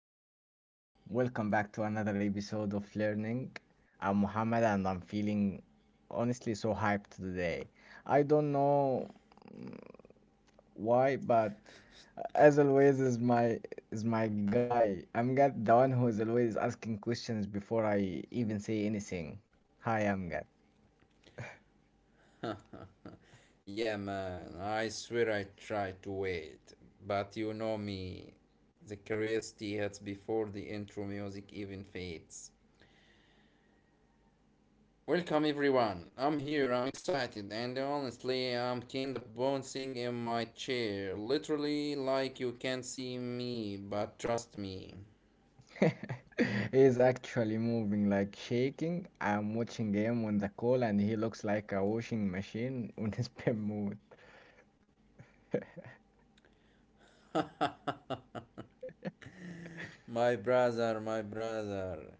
Hey, welcome back to another episode of Learning. I'm Muhammad and I'm feeling honestly so hyped today. I don't know mm, why, but as always is my guy. I'm Amgad, the one who is always asking questions before I even say anything. Hi, I'm Amgad. Yeah, man, I swear I tried to wait. But you know me. The curiosity hits before the intro music even fades. Welcome, everyone. I'm here, I'm excited, and honestly, I'm kinda bouncing in my chair. Literally, like you can see me, but trust me. He is actually moving like shaking. I'm watching him on the call and he looks like a washing machine on his pin mode. My brother, my brother.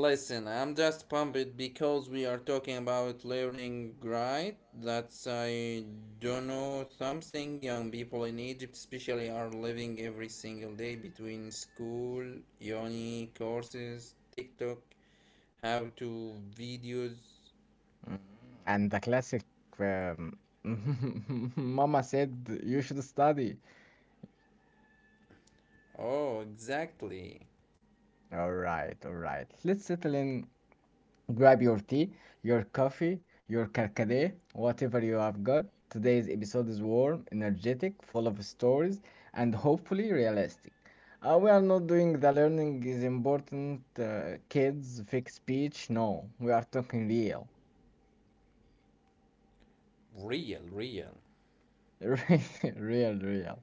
Listen, I'm just pumped because we are talking about learning, right? That's, I don't know, something young people in Egypt especially are living every single day between school, uni, courses, TikTok, how to videos. Mm, And the classic um, Mama said you should study. Oh, exactly. All right, all right. Let's settle in. Grab your tea, your coffee, your carcade, whatever you have got. Today's episode is warm, energetic, full of stories, and hopefully realistic. We are not doing the learning is important, kids, fake speech. No, we are talking real. Real, real. Real, real.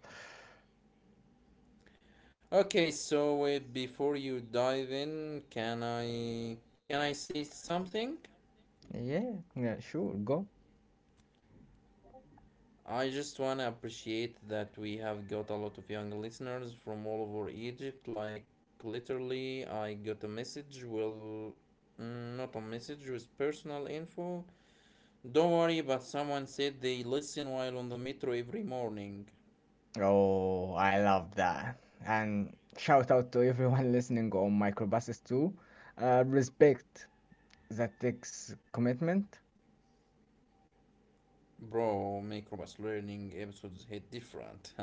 Okay, so before you dive in, can I say something? Yeah, yeah, sure, go. I just want to appreciate that we have got a lot of young listeners from all over Egypt. Like, literally, I got a message. Well, not a message, with personal info. Don't worry, but someone said they listen while on the metro every morning. Oh, I love that. And shout out to everyone listening on microbuses too. Respect, that takes commitment. Bro, Microbus Learning episodes hit different.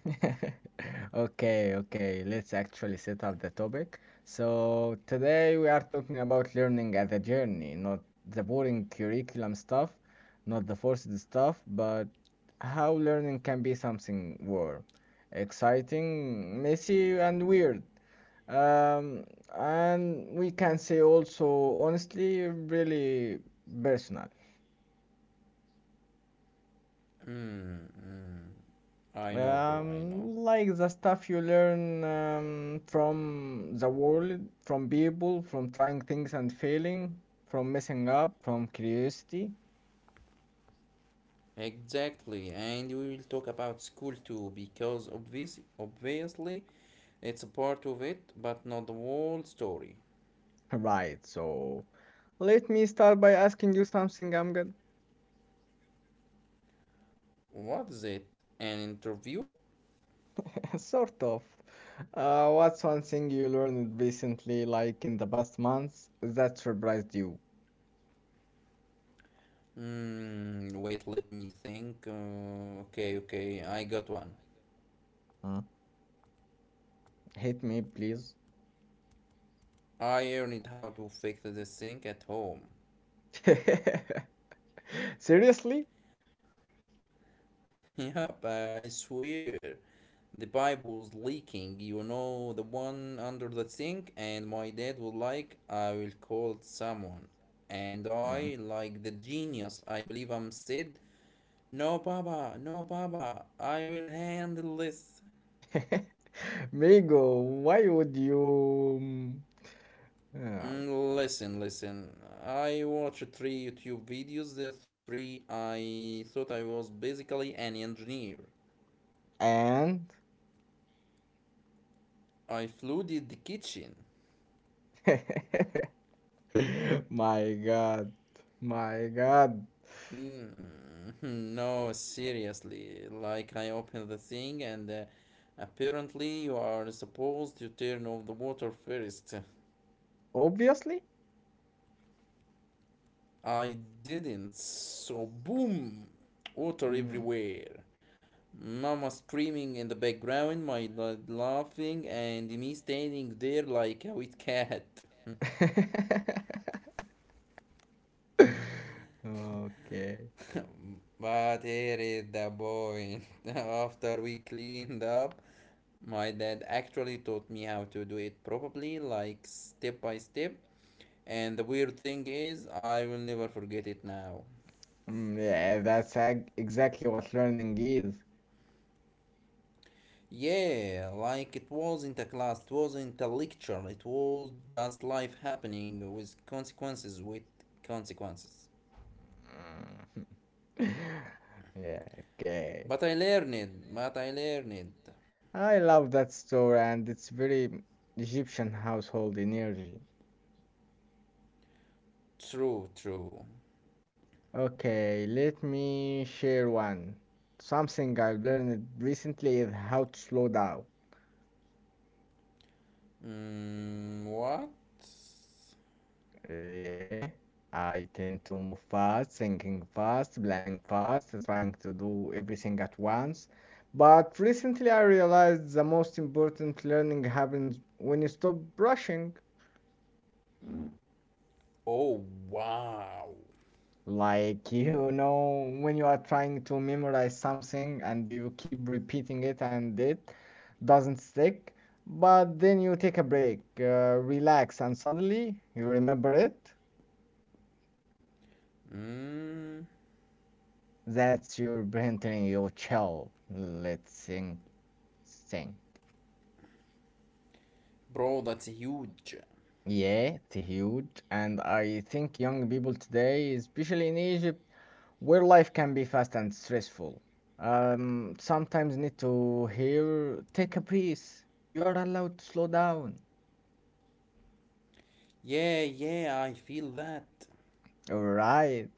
Okay, okay, let's actually set up the topic. So, today we are talking about learning as a journey, not the boring curriculum stuff, not the forced stuff, but how learning can be something warm, exciting, messy, and weird. Um, and we can say also, honestly, really personal. mm, mm. I know, bro, I know. Like the stuff you learn from the world, from people, from trying things and failing, from messing up, from curiosity. Exactly, and we will talk about school too because obviously it's a part of it, but not the whole story. Right, so let me start by asking you something, I'm good. What is it? An interview? Sort of. What's one thing you learned recently, like in the past months, that surprised you? Wait, let me think. Okay, I got one. Huh? Hit me, please. I learned how to fix the sink at home. Seriously? Yep, I swear. The pipe was leaking, you know, the one under the sink, and my dad was like, I will call someone. And Hmm. I, like the genius I believe I'm, said, no, Baba, no, Baba, I will handle this. Migo, why would you? Yeah. Listen, listen. I watched three YouTube videos, the three I thought I was basically an engineer. And I flooded the kitchen. my God, my God, Mm, no, seriously. Like, I opened the thing, and apparently, you are supposed to turn off the water first. obviously. I didn't, so boom! Water Mm. everywhere. Mama screaming in the background, my dad laughing, and me standing there like a wet cat. Okay. But here is the point. After we cleaned up, my dad actually taught me how to do it properly, like step by step. And the weird thing is, I will never forget it now. Mm, yeah, exactly what learning is. Yeah, like it wasn't a class, it wasn't a lecture, it was just life happening with consequences, with consequences. Mm. Yeah, okay. But I learned, but I learned. I love that story, and it's very Egyptian household energy. True, true. Okay, let me share one. Something I've learned recently is how to slow down. Mm, what? Yeah, I tend to move fast, thinking fast, planning fast, trying to do everything at once. But recently I realized the most important learning happens when you stop rushing. Oh, wow. Like, you know, when you are trying to memorize something and you keep repeating it and it doesn't stick, but then you take a break, relax, and suddenly you remember it. Mm, That's your brain telling you, chill, let's sing, sing. bro, that's huge. Yeah, it's huge. And I think young people today, especially in Egypt, where life can be fast and stressful, sometimes need to hear, take a breath. You are allowed to slow down. Yeah, yeah, I feel that. All right.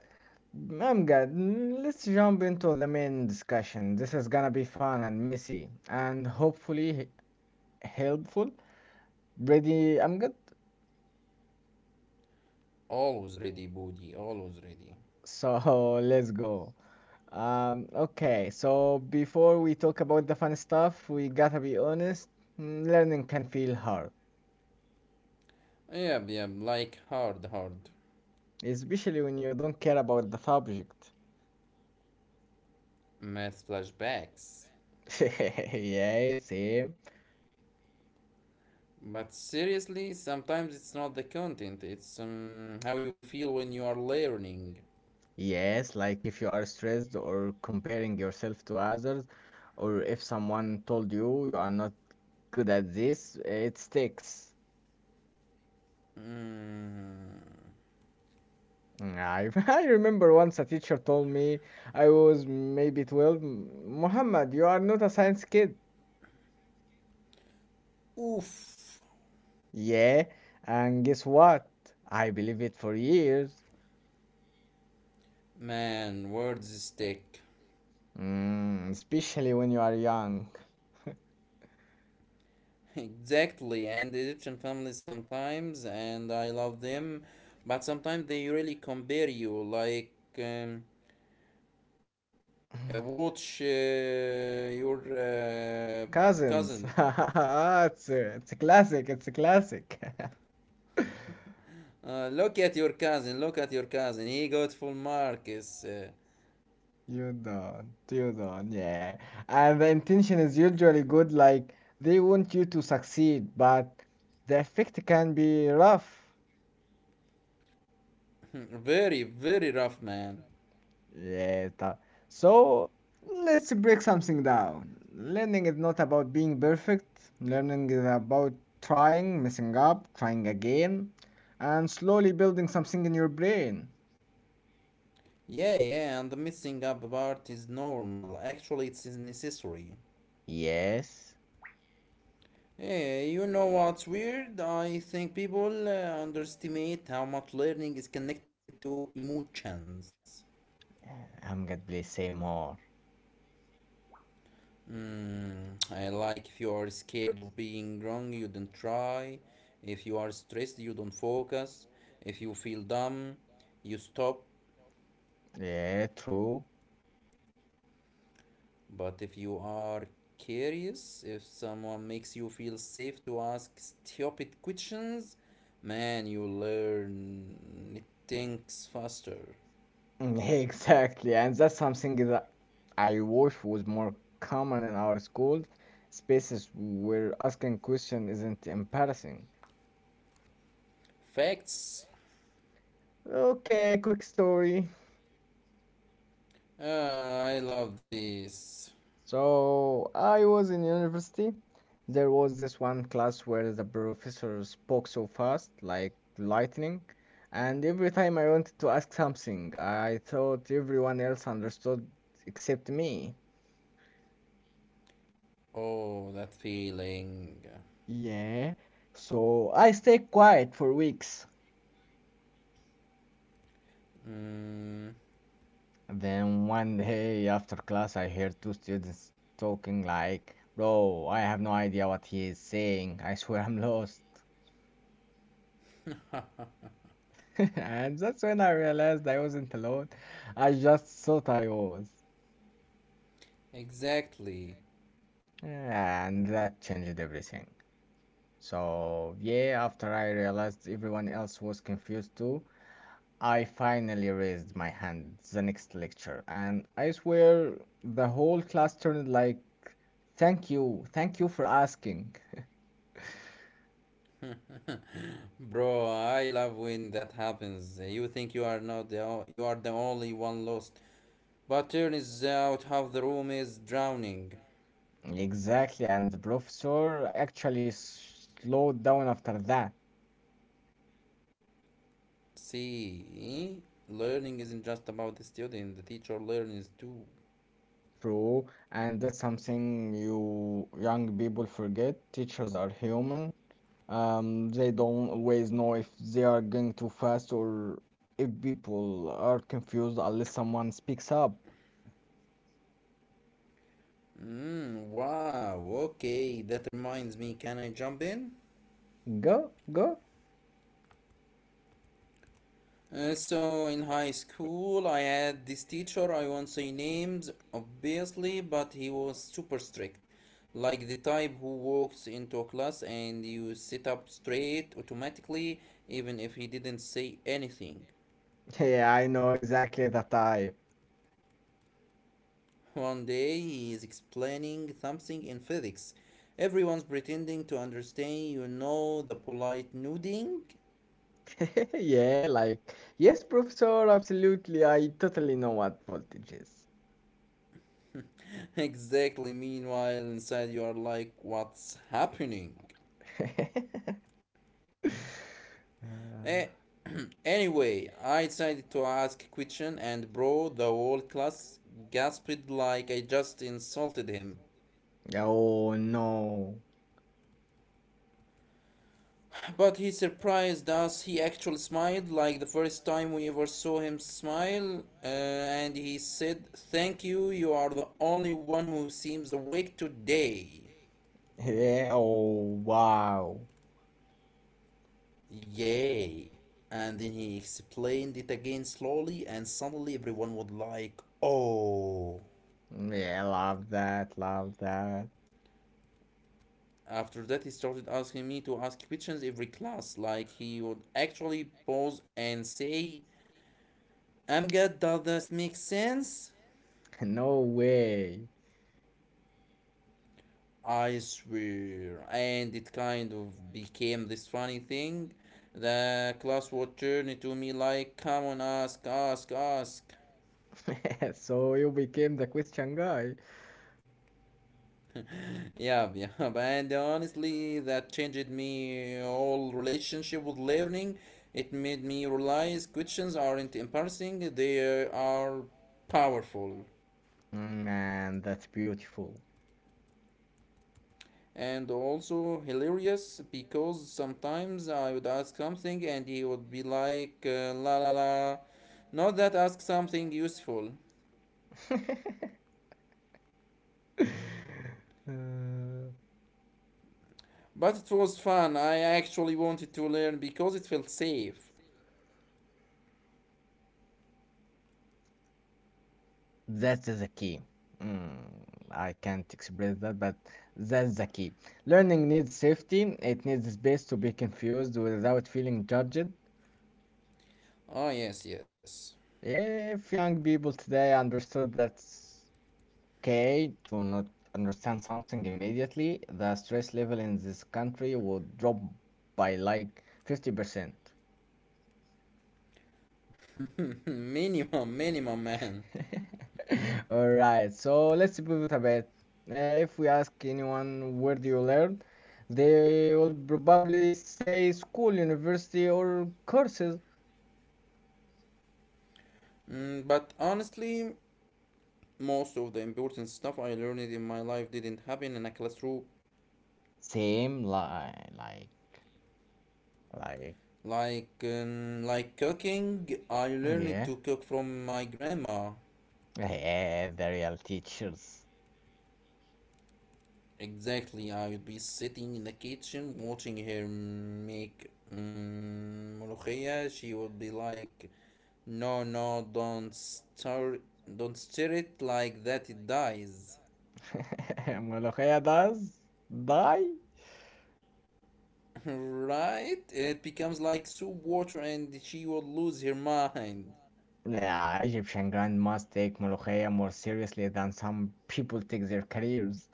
Amgad, let's jump into the main discussion. This is gonna be fun and messy and hopefully helpful. Ready, Amgad? Always ready, booty, always ready. So let's go. Okay, so before we talk about the fun stuff, we gotta be honest. Learning can feel hard, Yeah, yeah, like hard, hard. especially when you don't care about the subject. Math flashbacks. Yes, same. But seriously, sometimes it's not the content, it's how you feel when you are learning. Yes, like if you are stressed or comparing yourself to others, or if someone told you you are not good at this, it sticks. Mm. Mm, I I remember once a teacher told me I was maybe 12, Muhammad, you are not a science kid. Oof. Yeah, and guess what? I believe it for years. Man, words stick. Mm, especially when you are young. Exactly, and Egyptian families sometimes, and I love them, but sometimes they really compare you. Like, um, watch your Cousins. cousin. It's a classic, it's a classic. Look at your cousin, look at your cousin. He got full marks. You don't, Yeah. And the intention is usually good, like they want you to succeed, but the effect can be rough. very, very rough, man. Yeah. So let's break something down. Learning is not about being perfect. Learning is about trying, messing up, trying again, and slowly building something in your brain. Yeah, yeah, and the missing up part is normal. Actually, it's necessary. Yes. Hey, you know what's weird? I think people underestimate how much learning is connected to emotions. Uh, I'm gonna Please say more. I like if you are scared of being wrong, you don't try. If you are stressed, you don't focus. If you feel dumb, you stop. Yeah, true. But if you are curious, if someone makes you feel safe to ask stupid questions, man, you learn it thinks faster. Mm, exactly, and that's something that I wish was more common in our schools, spaces where asking question isn't embarrassing. Facts. Okay, quick story. Ah, I love this. So I was in university. There was this one class where the professor spoke so fast, like lightning, and every time I wanted to ask something, I thought everyone else understood except me. Oh, that feeling. Yeah, so I stayed quiet for weeks. Mm, Then one day after class, I heard two students talking like, "Bro, I have no idea what he is saying. I swear I'm lost." And that's when I realized I wasn't alone. I just thought I was. exactly. And that changed everything. So, yeah, after I realized everyone else was confused too, I finally raised my hand the next lecture. And I swear the whole class turned like, "Thank you, thank you for asking." Bro, I love when that happens. You think you are not the o- you are the only one lost, but turns out half the room is drowning. Exactly, and the professor actually slowed down after that. See, learning isn't just about the student. The teacher learns too. True, and that's something you young people forget. Teachers are human. They don't always know if they are going too fast or if people are confused unless someone speaks up. Mm, wow. Okay, that reminds me. Can I jump in? Go, go. So in high school, I had this teacher. I won't say names, obviously, but he was super strict, like the type who walks into a class and you sit up straight automatically, even if he didn't say anything. Yeah, I know exactly the type. One day, he is explaining something in physics. Everyone's pretending to understand, you know, the polite nodding. Yeah, like, yes, professor, absolutely. I totally know what voltage is. Exactly. Meanwhile, inside you are like, what's happening? Eh, Uh, anyway, I decided to ask a question, and bro, the whole class gasped like I just insulted him. oh no. But he surprised us. He actually smiled, like the first time we ever saw him smile. And he said, thank you, you are the only one who seems awake today. Yeah, oh wow. Yay. And then he explained it again slowly, and suddenly everyone was like, oh. Yeah, love that, love that. After that, he started asking me to ask questions every class. Like he would actually pause and say, Amgad, does this make sense? No way. I swear. And it kind of became this funny thing. The class would turn to me like, come on, ask, ask, ask. So you became the Christian guy. Yeah, yeah. And honestly, that changed me whole relationship with learning. It made me realize questions aren't embarrassing, they are powerful. Mm, man, that's beautiful. And also hilarious because sometimes I would ask something and he would be like, la la la, not that ask something useful. Uh, But it was fun, I actually wanted to learn because it felt safe. that's the key. Mm, I can't express that, but that's the key. Learning needs safety, it needs space to be confused without feeling judged. Oh yes, yes. If young people today understood that's okay to not understand something immediately, the stress level in this country would drop by like 50%. Minimum, minimum, man. All right, so let's pivot a bit. Uh, if we ask anyone where do you learn, they will probably say school, university, or courses. Mm, but honestly, most of the important stuff I learned in my life didn't happen in a classroom. Same li like like Like cooking, I learned yeah. to cook from my grandma. Yeah, the real teachers. Exactly, I would be sitting Molokhaya does die? Nah, Egyptian grandmas take Molokhaya more seriously than some people take their careers.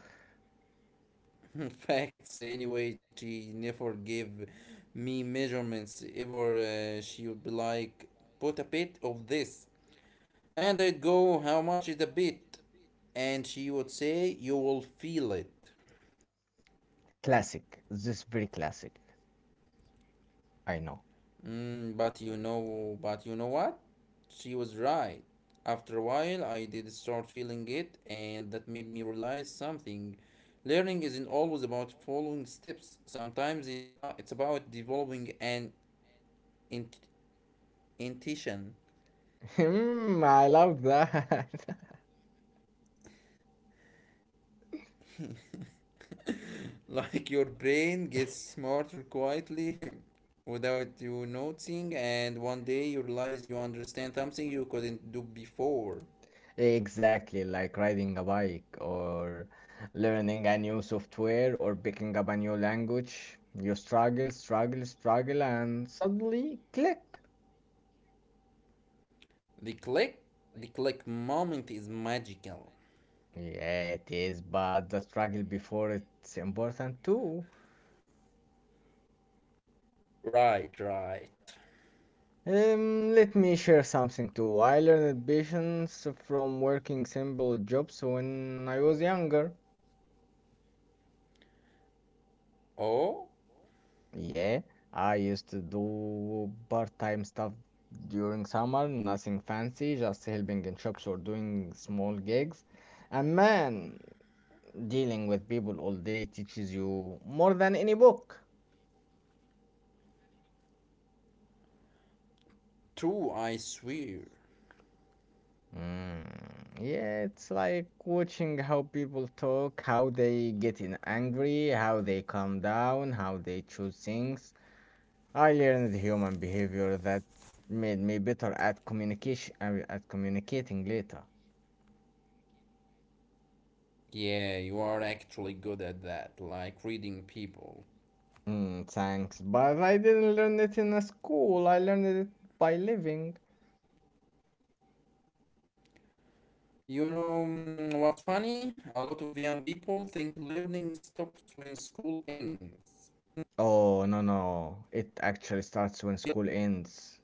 Classic. This is very classic. I know. Hmm, I love that. Exactly, like riding a bike or learning a new software or picking up a new language. You struggle, struggle, struggle, and suddenly click. Yeah, it is, but the struggle before it's important too. Let me share something too. I learned patience from working simple jobs when I was younger. Yeah, I used to do part-time stuff during summer, nothing fancy, just helping in shops or doing small gigs. And man, dealing with people all day teaches you more than any book. Mm, yeah, it's like watching how people talk, how they get in angry, how they calm down, how they choose things. I learned human behavior that made me better at communication, at communicating later. Mm, thanks, but I didn't learn it in a school. I learned it by living. Oh, no, no. It actually starts when school ends.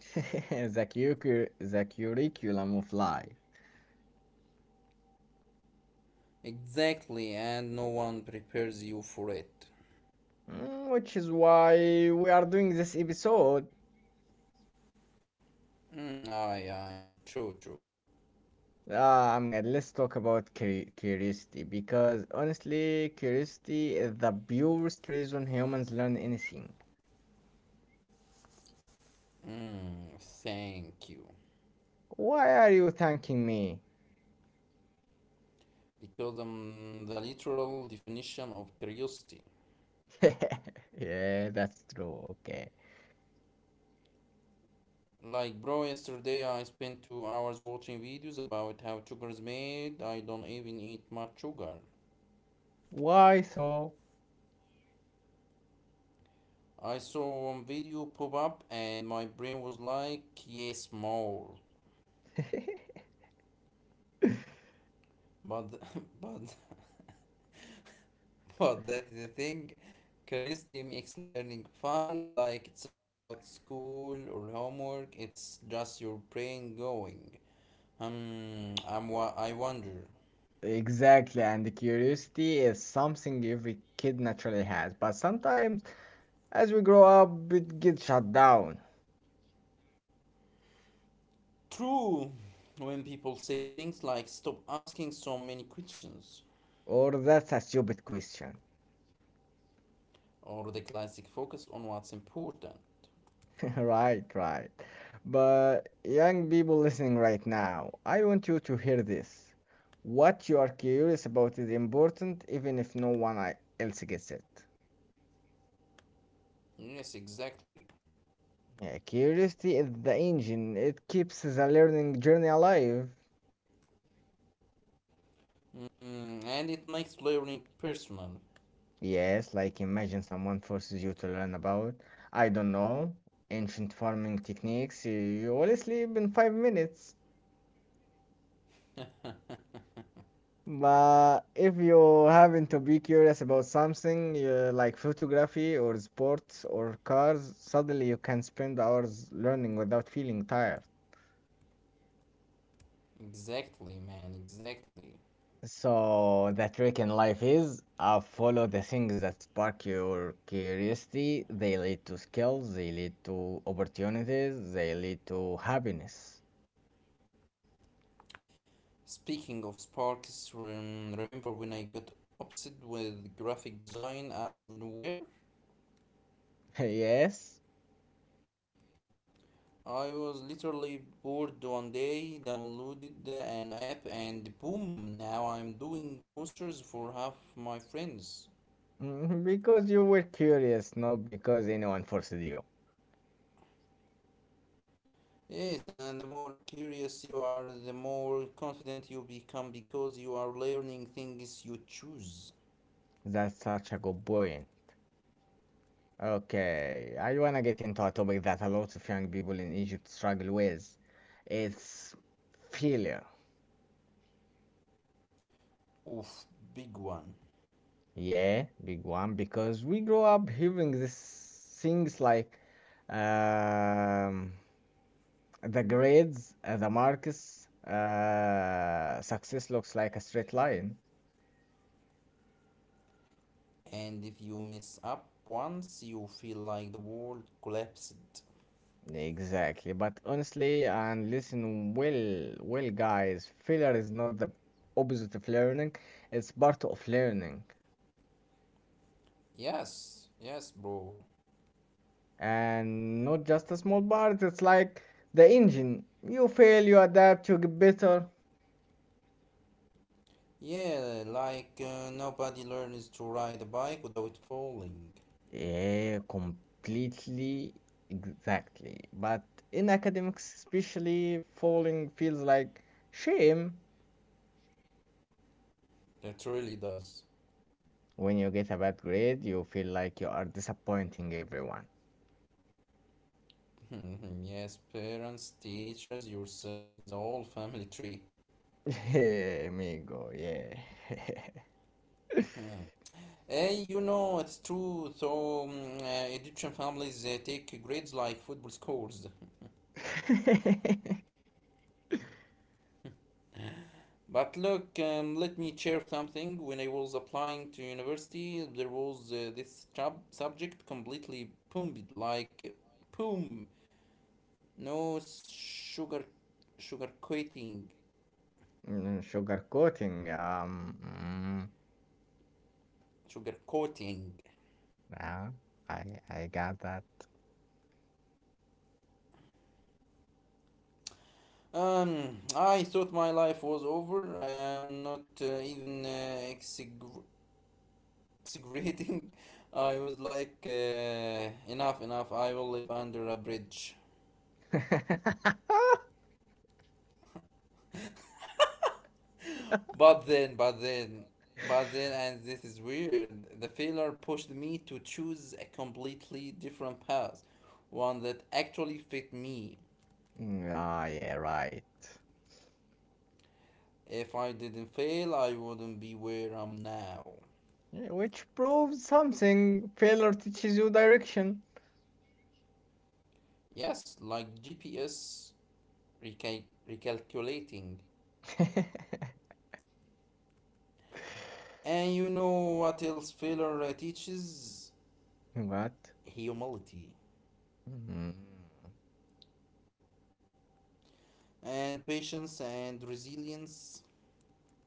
The, the curriculum of life. Mm, which is why we are doing this episode. Uh, I'm gonna Let's talk about curiosity because honestly, curiosity is the purest reason humans learn anything. Why are you thanking me? Yeah, that's true. Okay. Why so? Exactly, and the curiosity is something every kid naturally has, but sometimes as we grow up, it gets shut down. Or that's a stupid question. Right, right. But young people listening right now, I want you to hear this. What you are curious about is important, even if no one else gets it. Yeah, curiosity is the engine. It keeps the learning journey alive. Yes, like imagine someone forces you to learn about, I don't know, ancient farming techniques. You will sleep in 5 minutes. But if you happen to be curious about something like photography or sports or cars, suddenly you can spend hours learning without feeling tired. So the trick in life is follow the things that spark your curiosity. They lead to skills, they lead to opportunities, they lead to happiness. Yes, mhm, because you were curious, not because anyone forced you. That's such a good point. Okay, I wanna get into a topic that a lot of young people in Egypt struggle with. It's failure. Yeah, big one because we grow up hearing these things like um, the grades, the marks, success looks like a straight line. Exactly, but honestly, and listen well, guys, failure is not the opposite of learning, it's part of learning, and not just a small part, it's like the engine. You fail, you adapt, you get better. Yeah, completely. Exactly. But in academics, especially, falling feels like shame. When you get a bad grade, you feel like you are disappointing everyone. Yeah, amigo, yeah. Mm, sugar coating. Yeah, I got that. Mm, ah, yeah, right. Yeah, which proves something. Failure teaches you direction. What? Hmm.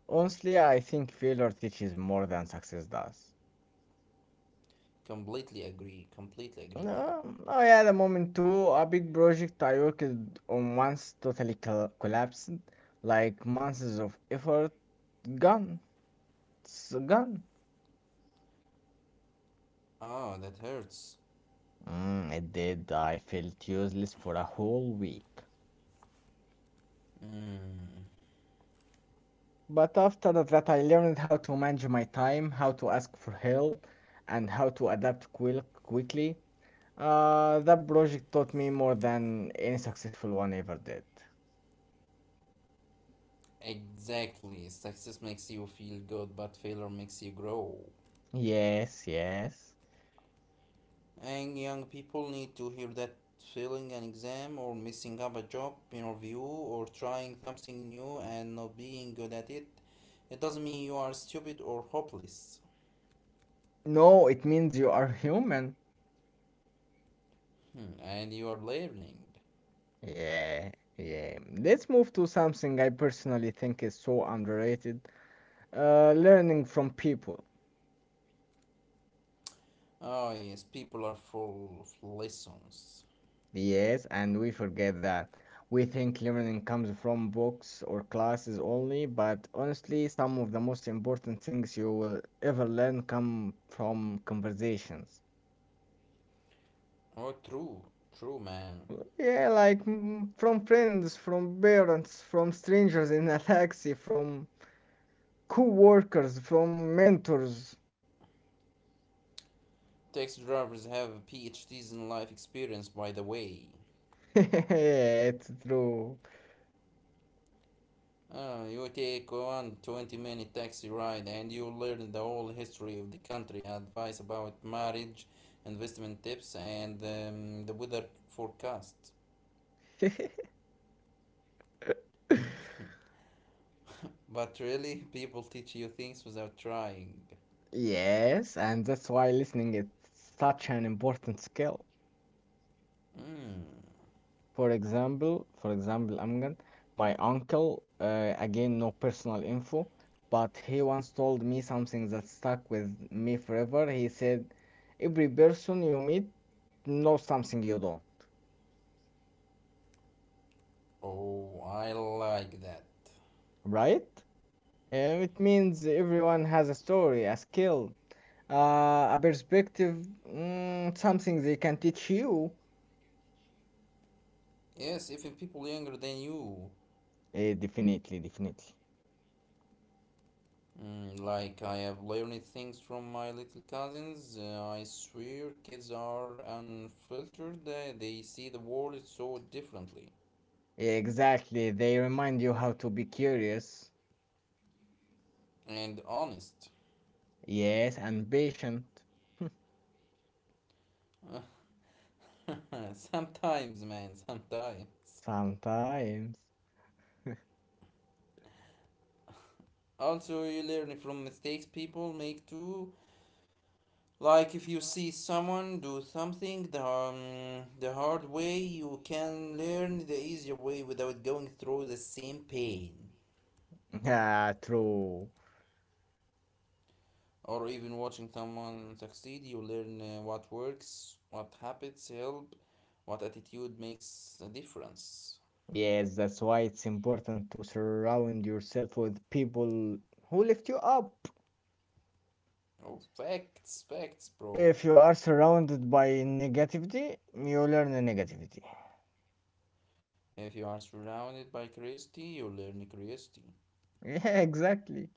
Honestly, I think failure teaches more than success does. I had a moment too. A big project I worked on once totally collapsed. Like months of effort gone. It's gone. Mm, it did. I felt useless for a whole week. But after that, I learned how to manage my time, how to ask for help, and how to adapt quickly. That project taught me more than any successful one ever did. Yes, yes. No, it means you are human. Yeah, yeah. Let's move to something I personally think is so underrated, learning from people. Yes, and we forget that. We think learning comes from books or classes only, but honestly, some of the most important things you will ever learn come from conversations. Yeah, like from friends, from parents, from strangers in a taxi, from co-workers, from mentors. Yeah, it's true. Yes, and that's why listening is such an important skill. For example, Amgen, my uncle, again, no personal info, but he once told me something that stuck with me forever. He said, every person you meet knows something you don't, right? It means everyone has a story, a skill, uh, a perspective, something they can teach you. Definitely. Exactly, they remind you how to be curious, yes, and patient. Sometimes. Ah, true. Yes, that's why it's important to surround yourself with people who lift you up. If you are surrounded by negativity, you learn negativity. Yeah, exactly.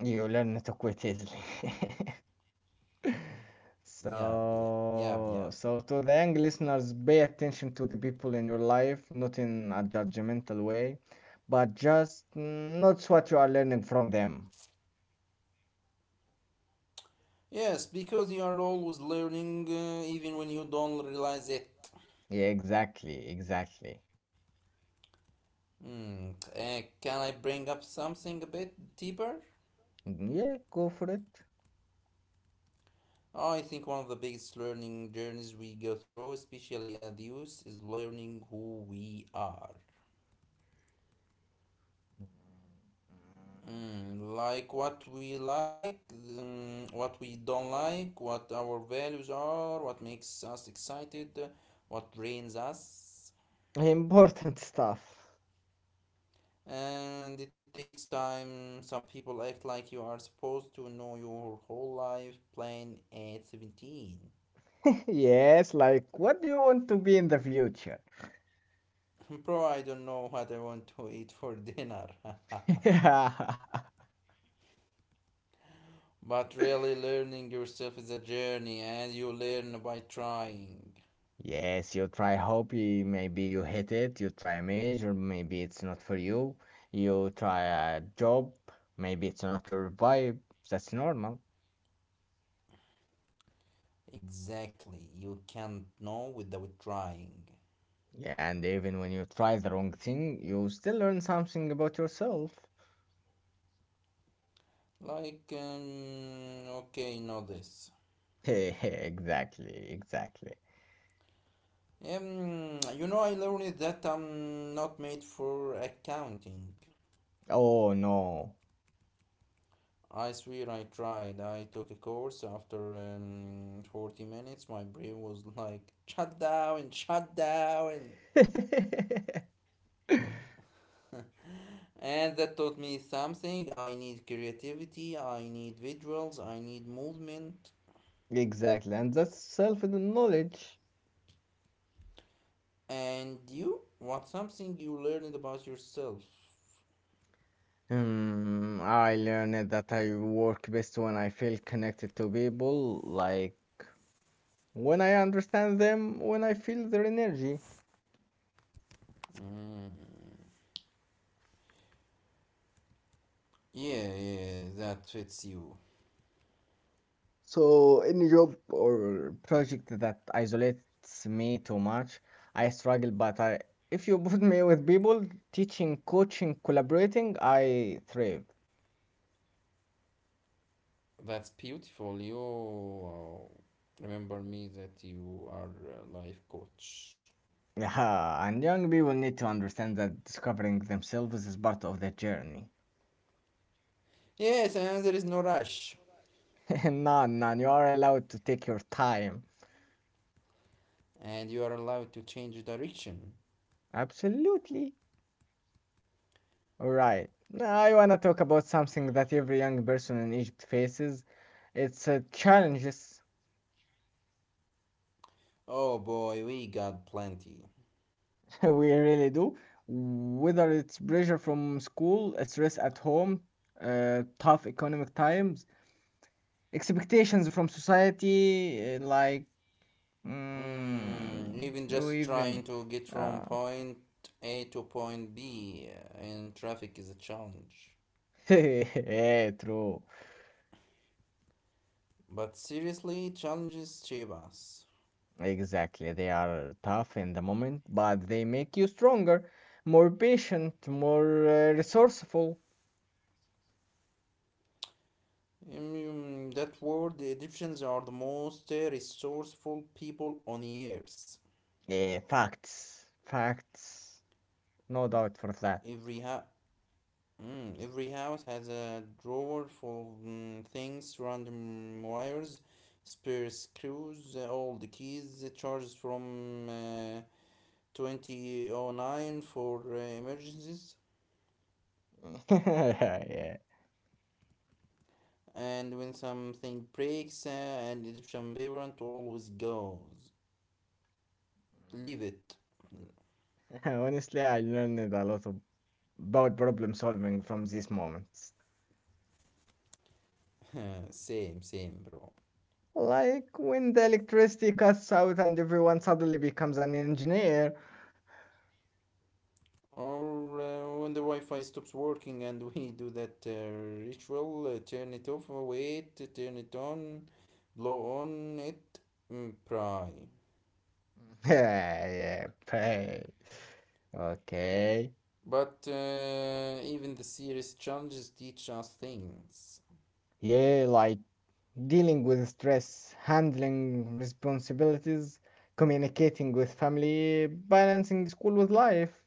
You learn to quit easily. So to the young listeners, pay attention to the people in your life, not in a judgmental way, but just notice what you are learning from them. Yeah, exactly. Mm, yeah, go for it. Important stuff. Yes, like what do you want to be in the future? Yeah. Yes, you try hobby, maybe you hit it, you try a major, maybe it's not for you. You try a job, maybe it's not your vibe. That's normal. Yeah, and even when you try the wrong thing, you still learn something about yourself. Exactly. Oh no. Exactly, and that's self-knowledge. Hmm, I learned that I work best when I feel connected to people, like when I understand them, when I feel their energy. So, any job or project that isolates me too much, I struggle, if you put me with people, teaching, coaching, collaborating, I thrive. Yeah, and young people need to understand that discovering themselves is part of the journey. None, you are allowed to take your time. Absolutely. Alright, now I wanna talk about something that every young person in Egypt faces. It's challenges. We really do. Whether it's pressure from school, stress at home, tough economic times, expectations from society, mm, you even. Yeah. Yeah, true. Exactly. They are tough in the moment, but they make you stronger, more patient, more resourceful. Yeah, facts. Facts. No doubt for that. Yeah. Honestly, I learned a lot of- about problem solving from these moments. Like when the electricity cuts out and everyone suddenly becomes an engineer. Yeah, yeah. Hey. Okay. Yeah, like dealing with stress, handling responsibilities, communicating with family, balancing school with life.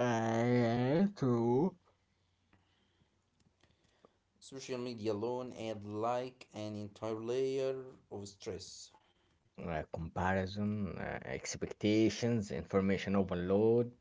True. Comparison, expectations, information overload.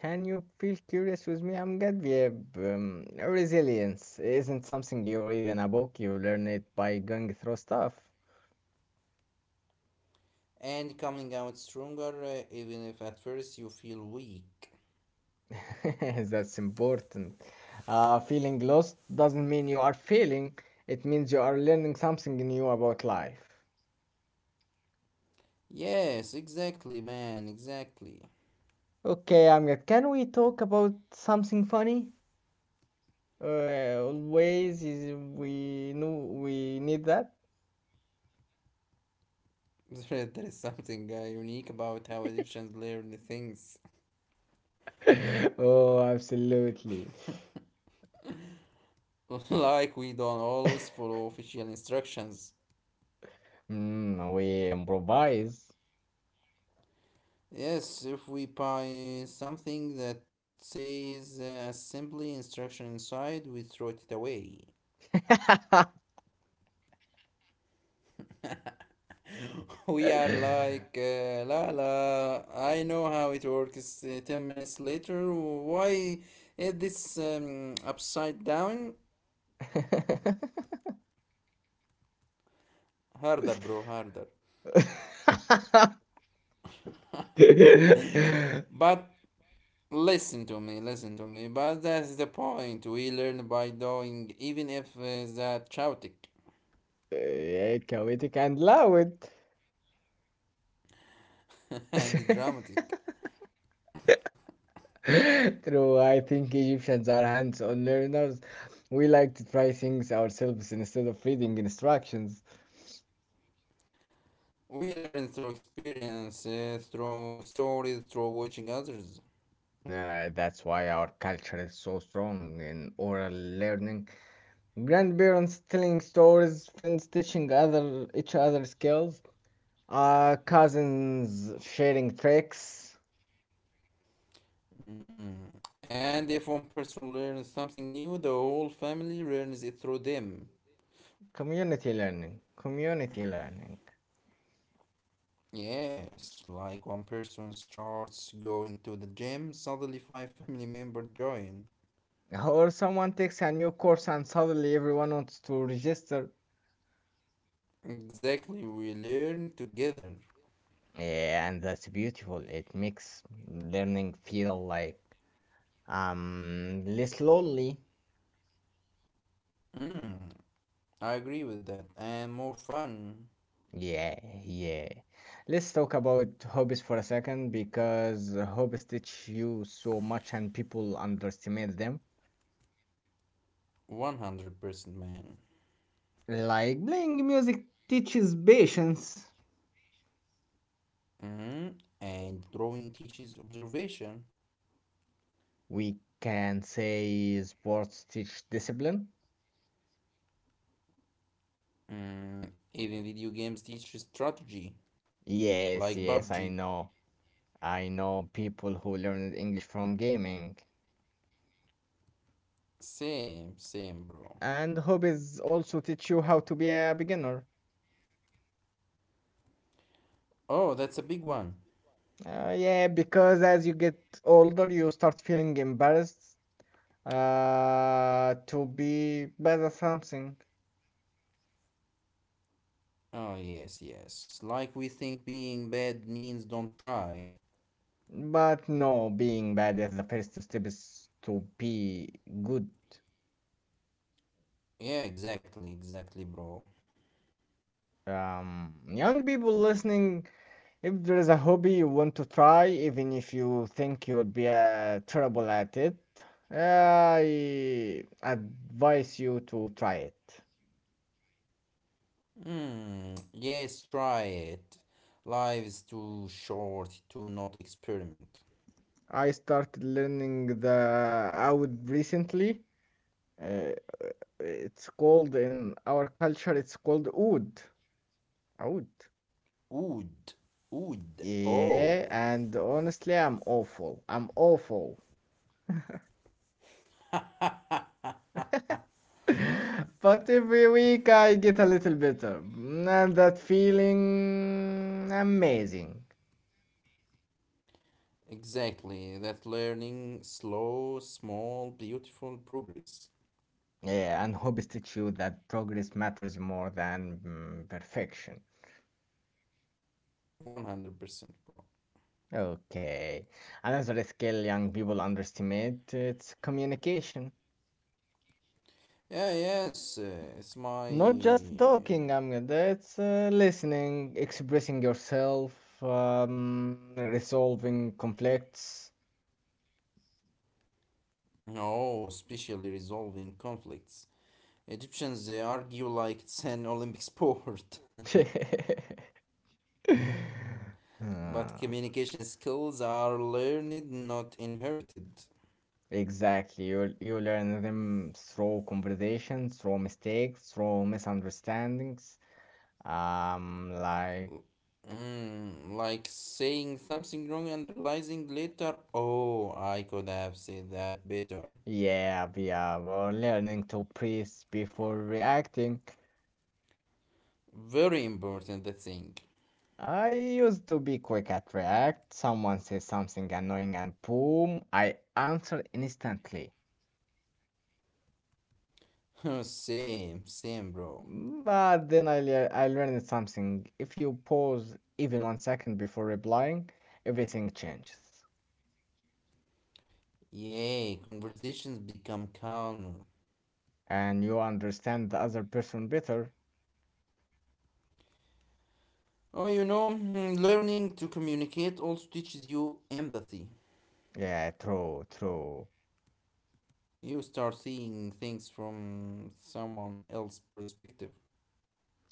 Can you feel curious with me? I'm Gadviev. Resilience isn't something you read in a book, you learn it by going through stuff. That's important. Feeling lost doesn't mean you are failing, it means you are learning something new about life. Okay, Amjad, can we talk about something funny? Always is we know we need that. Oh, absolutely. Mm, we improvise. Yeah, chaotic and loud. True, I think Egyptians are hands-on learners. We like to try things ourselves instead of reading instructions. That's why our culture is so strong in oral learning. Grandparents telling stories, friends teaching other each other skills, cousins sharing tricks, community learning. Or someone takes a new course and suddenly everyone wants to register. Yeah, and that's beautiful. It makes learning feel like less lonely. Yeah, yeah. Let's talk about hobbies for a second because hobbies teach you so much and people underestimate them. Like playing music teaches patience. We can say sports teach discipline. Yes, yes, I know. I know people who learned English from gaming, and hobbies also teach you how to be a beginner. Yeah, because as you get older, you start feeling embarrassed to be bad at something. But no, being bad is the first step is to be good. Young people listening, if there is a hobby you want to try, even if you think you will be terrible at it, I advise you to try it. I started learning the oud recently. Uh, it's called in our culture, it's called oud. Oud. Yeah, and honestly, I'm awful. But every week I get a little better. Mm, and that feeling amazing. Yeah, and hobbies teach you that progress matters more than perfection. Okay. Another skill young people underestimate, it's communication. Not just talking, Ahmed. It's listening, expressing yourself, resolving conflicts. Ah, exactly. You learn them through conversations, through mistakes, through misunderstandings. Um, like yeah, yeah. We're learning to breathe before reacting. I used to be quick at react. Someone says something annoying and boom, I answer instantly. But then I learned something. If you pause even one second before replying, everything changes. And you understand the other person better. Yeah, true, true.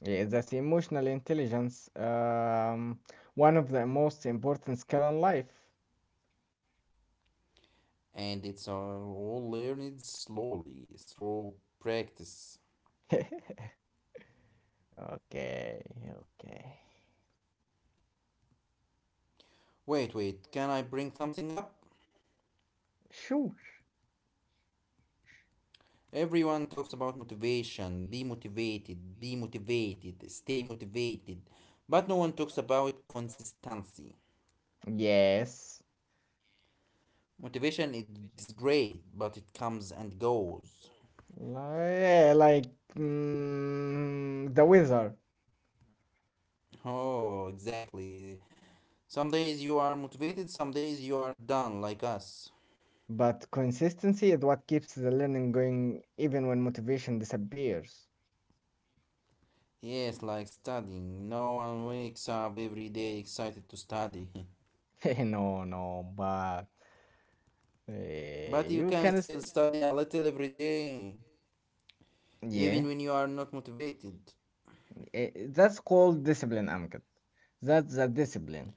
Yeah, that's emotional intelligence. One of the most important skill in life. Okay, okay. Sure. Yes. Yeah, like the weather. But consistency is what keeps the learning going even when motivation disappears. No, no, but you can. Yeah, eh, that's called discipline, Amgad. That's the discipline.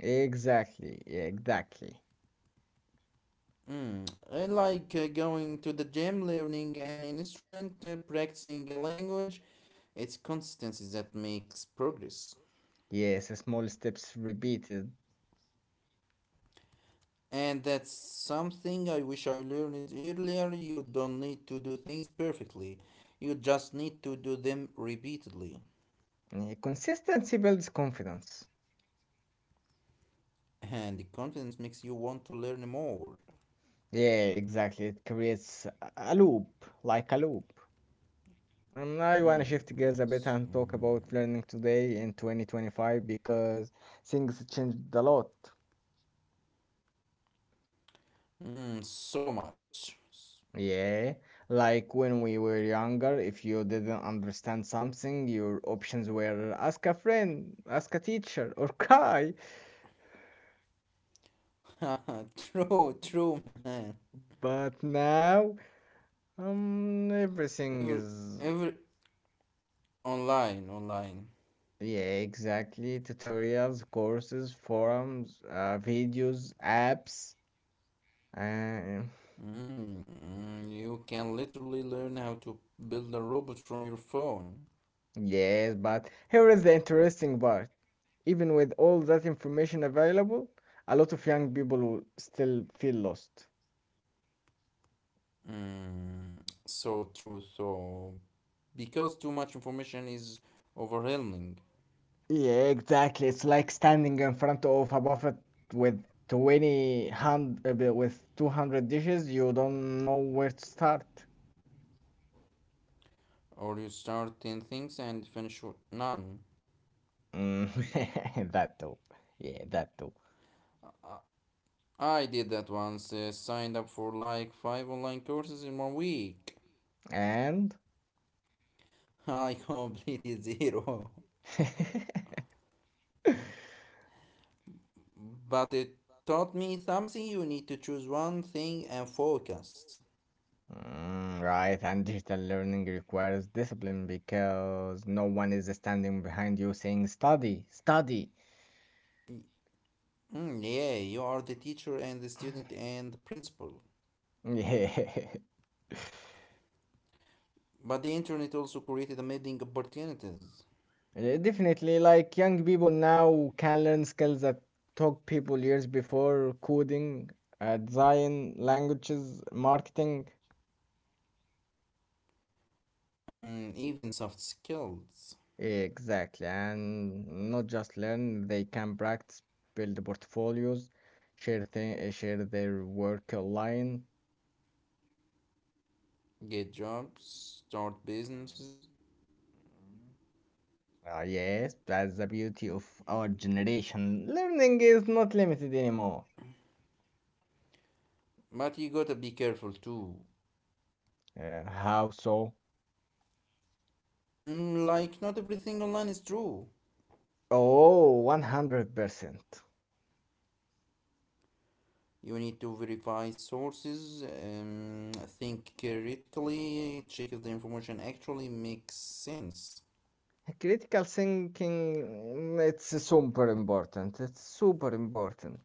Exactly. Yes, small steps repeated. Eh, consistency builds confidence. Yeah, exactly. It creates a loop, like a loop. And I want to shift gears a bit and talk about learning today in 2025 because things changed a lot. Yeah, like when we were younger, if you didn't understand something, your options were ask a friend, ask a teacher, or cry. But now, everything is yeah, exactly. Tutorials, courses, forums, videos, apps. Uh, yes, but here is the interesting part. Even with all that information available, a lot of young people will still feel lost. Yeah, exactly. It's like standing in front of a buffet with with 200 dishes. You don't know where to start. Mm, that too. Yeah, that too. And mm, right, and digital learning requires discipline because no one is standing behind you saying, study, study. Yeah. Yeah, definitely, like young people now can learn skills that took people years before coding, design, languages, marketing. Exactly, and not just learn, they can practice, build portfolios, share their work online. Ah, yes, that's the beauty of our generation. Learning is not limited anymore. How so? Oh, 100%. Critical thinking, it's super important.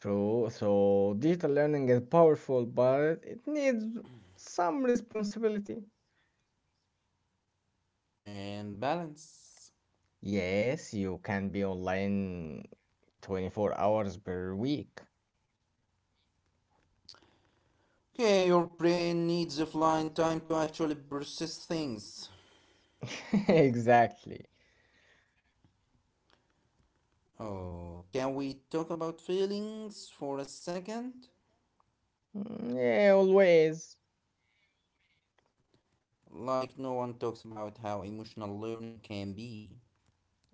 True. So, digital learning is powerful, but it needs some responsibility. Yes, you can be online 24 hours per week. Exactly. Mm, yeah, always.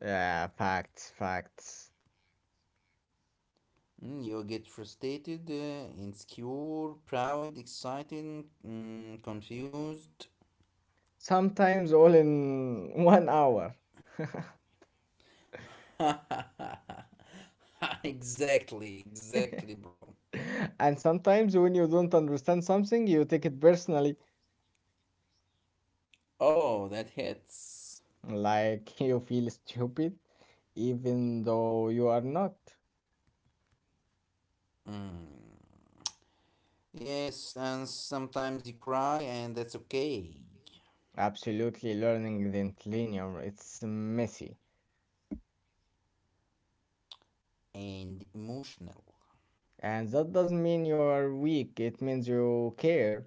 Yeah, facts, facts. Sometimes all in one hour. And sometimes when you don't understand something, you take it personally, like you feel stupid, even though you are not. Absolutely, learning isn't linear, it's messy. And that doesn't mean you are weak, it means you care.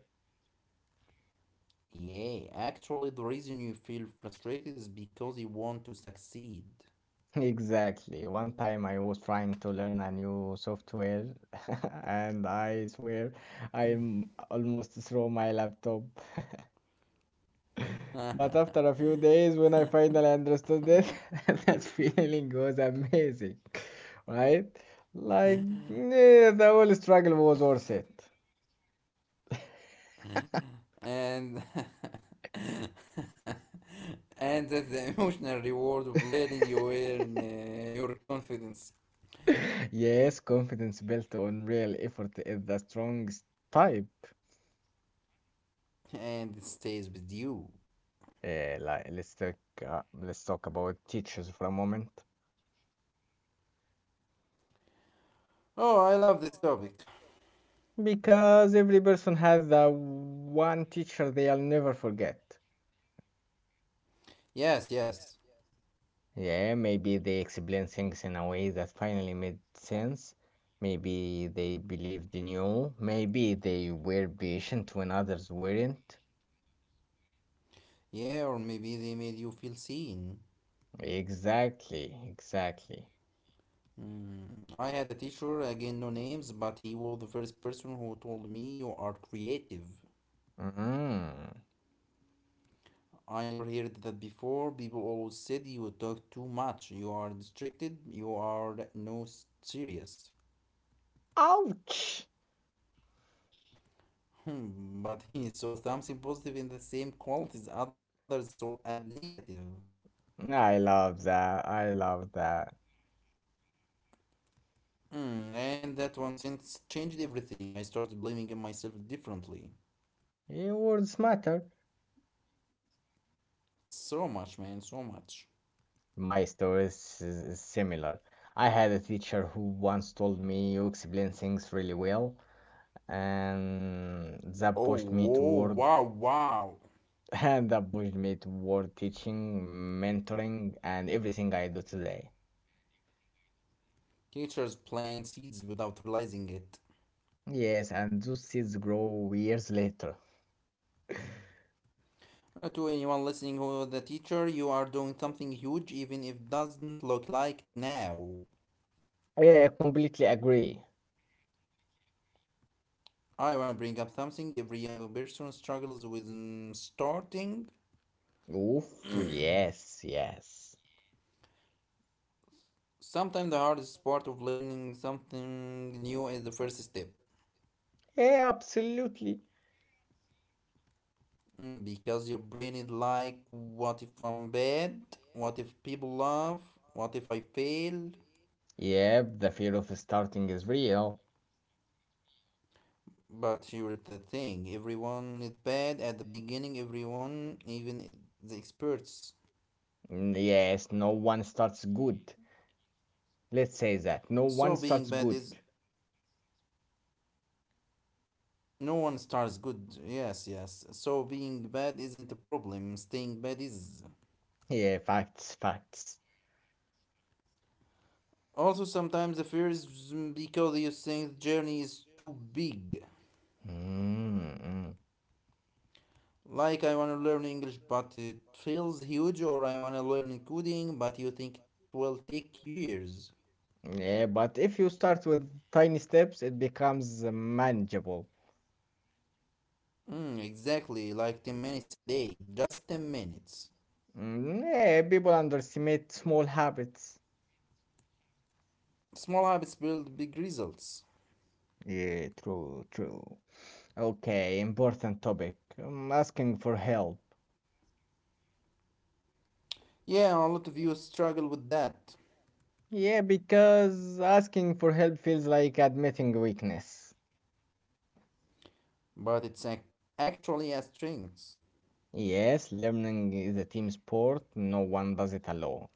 Exactly. One time I was trying to learn a new software, and I swear almost threw my laptop. But after a few days, when I finally understood it, that feeling was amazing, right? Like, eh, the whole struggle was worth it. Yes, confidence built on real effort is the strongest type. Uh, like, let's talk, let's talk about teachers for a moment. Because every person has the one teacher they'll never forget. Yeah, maybe they explained things in a way that finally made sense. Maybe they believed in you. Maybe they were patient when others weren't. Exactly. Mm. Ouch! I love that. Eh, words matter. My story is similar. I had a teacher who once told me you explain things really well, and that pushed me toward and that pushed me toward teaching, mentoring, and everything I do today. Yes, and those seeds grow years later. Yeah, I completely agree. Oof, yes, yes. Yeah, absolutely. Yep, the fear of starting is real. Mm, yes, no one starts good. Let's say that no one starts good. Yeah, facts, facts. Mm, mm. Yeah, but if you start with tiny steps, it becomes manageable. Mm, yeah, people underestimate small habits. Yeah, true, true. Okay, important topic. Asking for help. Yeah, because asking for help feels like admitting weakness. Yes, learning is a team sport. No one does it alone.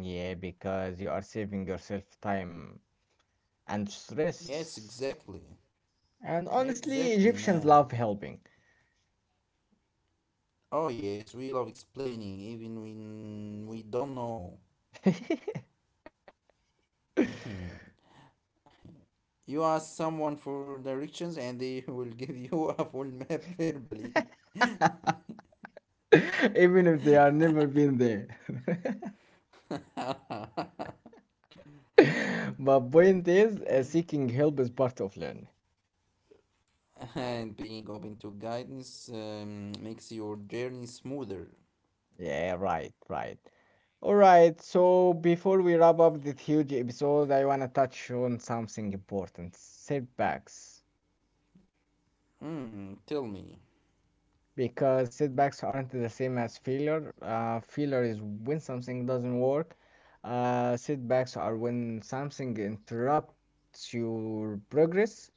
Yeah, because you are saving yourself time and stress. And honestly, Egyptians love helping. Even if they are never been there. But point is, seeking help is part of learning. Yeah, right, right. All right, so before we wrap up this huge episode, I want to touch on something important setbacks, because setbacks aren't the same as failure. Failure is when something doesn't work. Setbacks are when something interrupts your progress.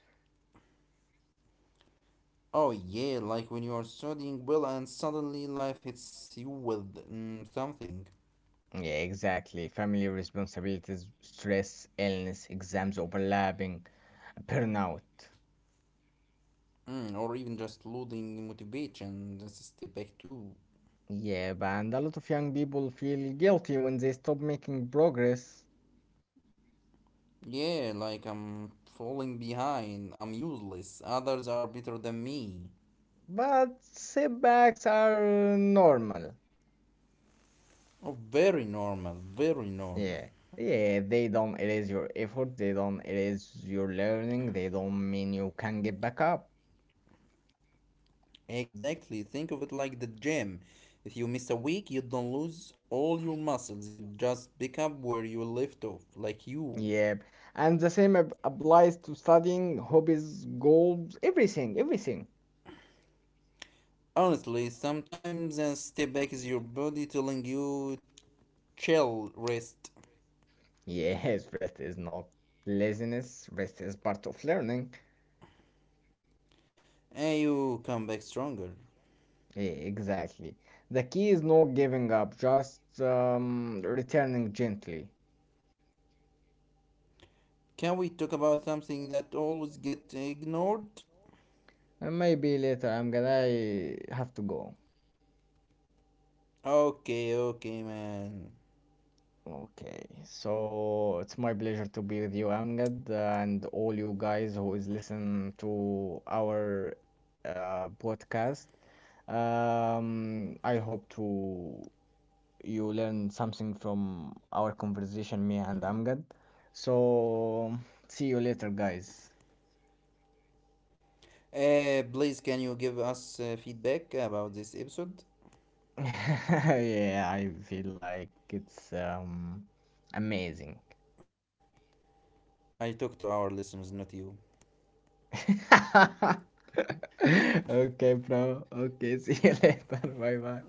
Yeah, exactly. Family responsibilities, stress, illness, exams overlapping, burnout. Yeah, but and a lot of young people feel guilty when they stop making progress. But setbacks are normal. Yeah, yeah, they don't erase your effort, they don't erase your learning, they don't mean you can get back up. Yeah, and the same applies to studying, hobbies, goals, everything. Yes, rest is not laziness, rest is part of learning. Yeah, exactly. The key is not giving up, just returning gently. And maybe later I'm gonna have to go. Okay, so it's my pleasure to be with you, Amgad, and all you guys who is listen to our podcast. I hope to you learn something from our conversation, me and Amgad. So see you later, guys. Yeah, I feel like it's amazing. Okay, bro. Okay, see you later. Bye bye.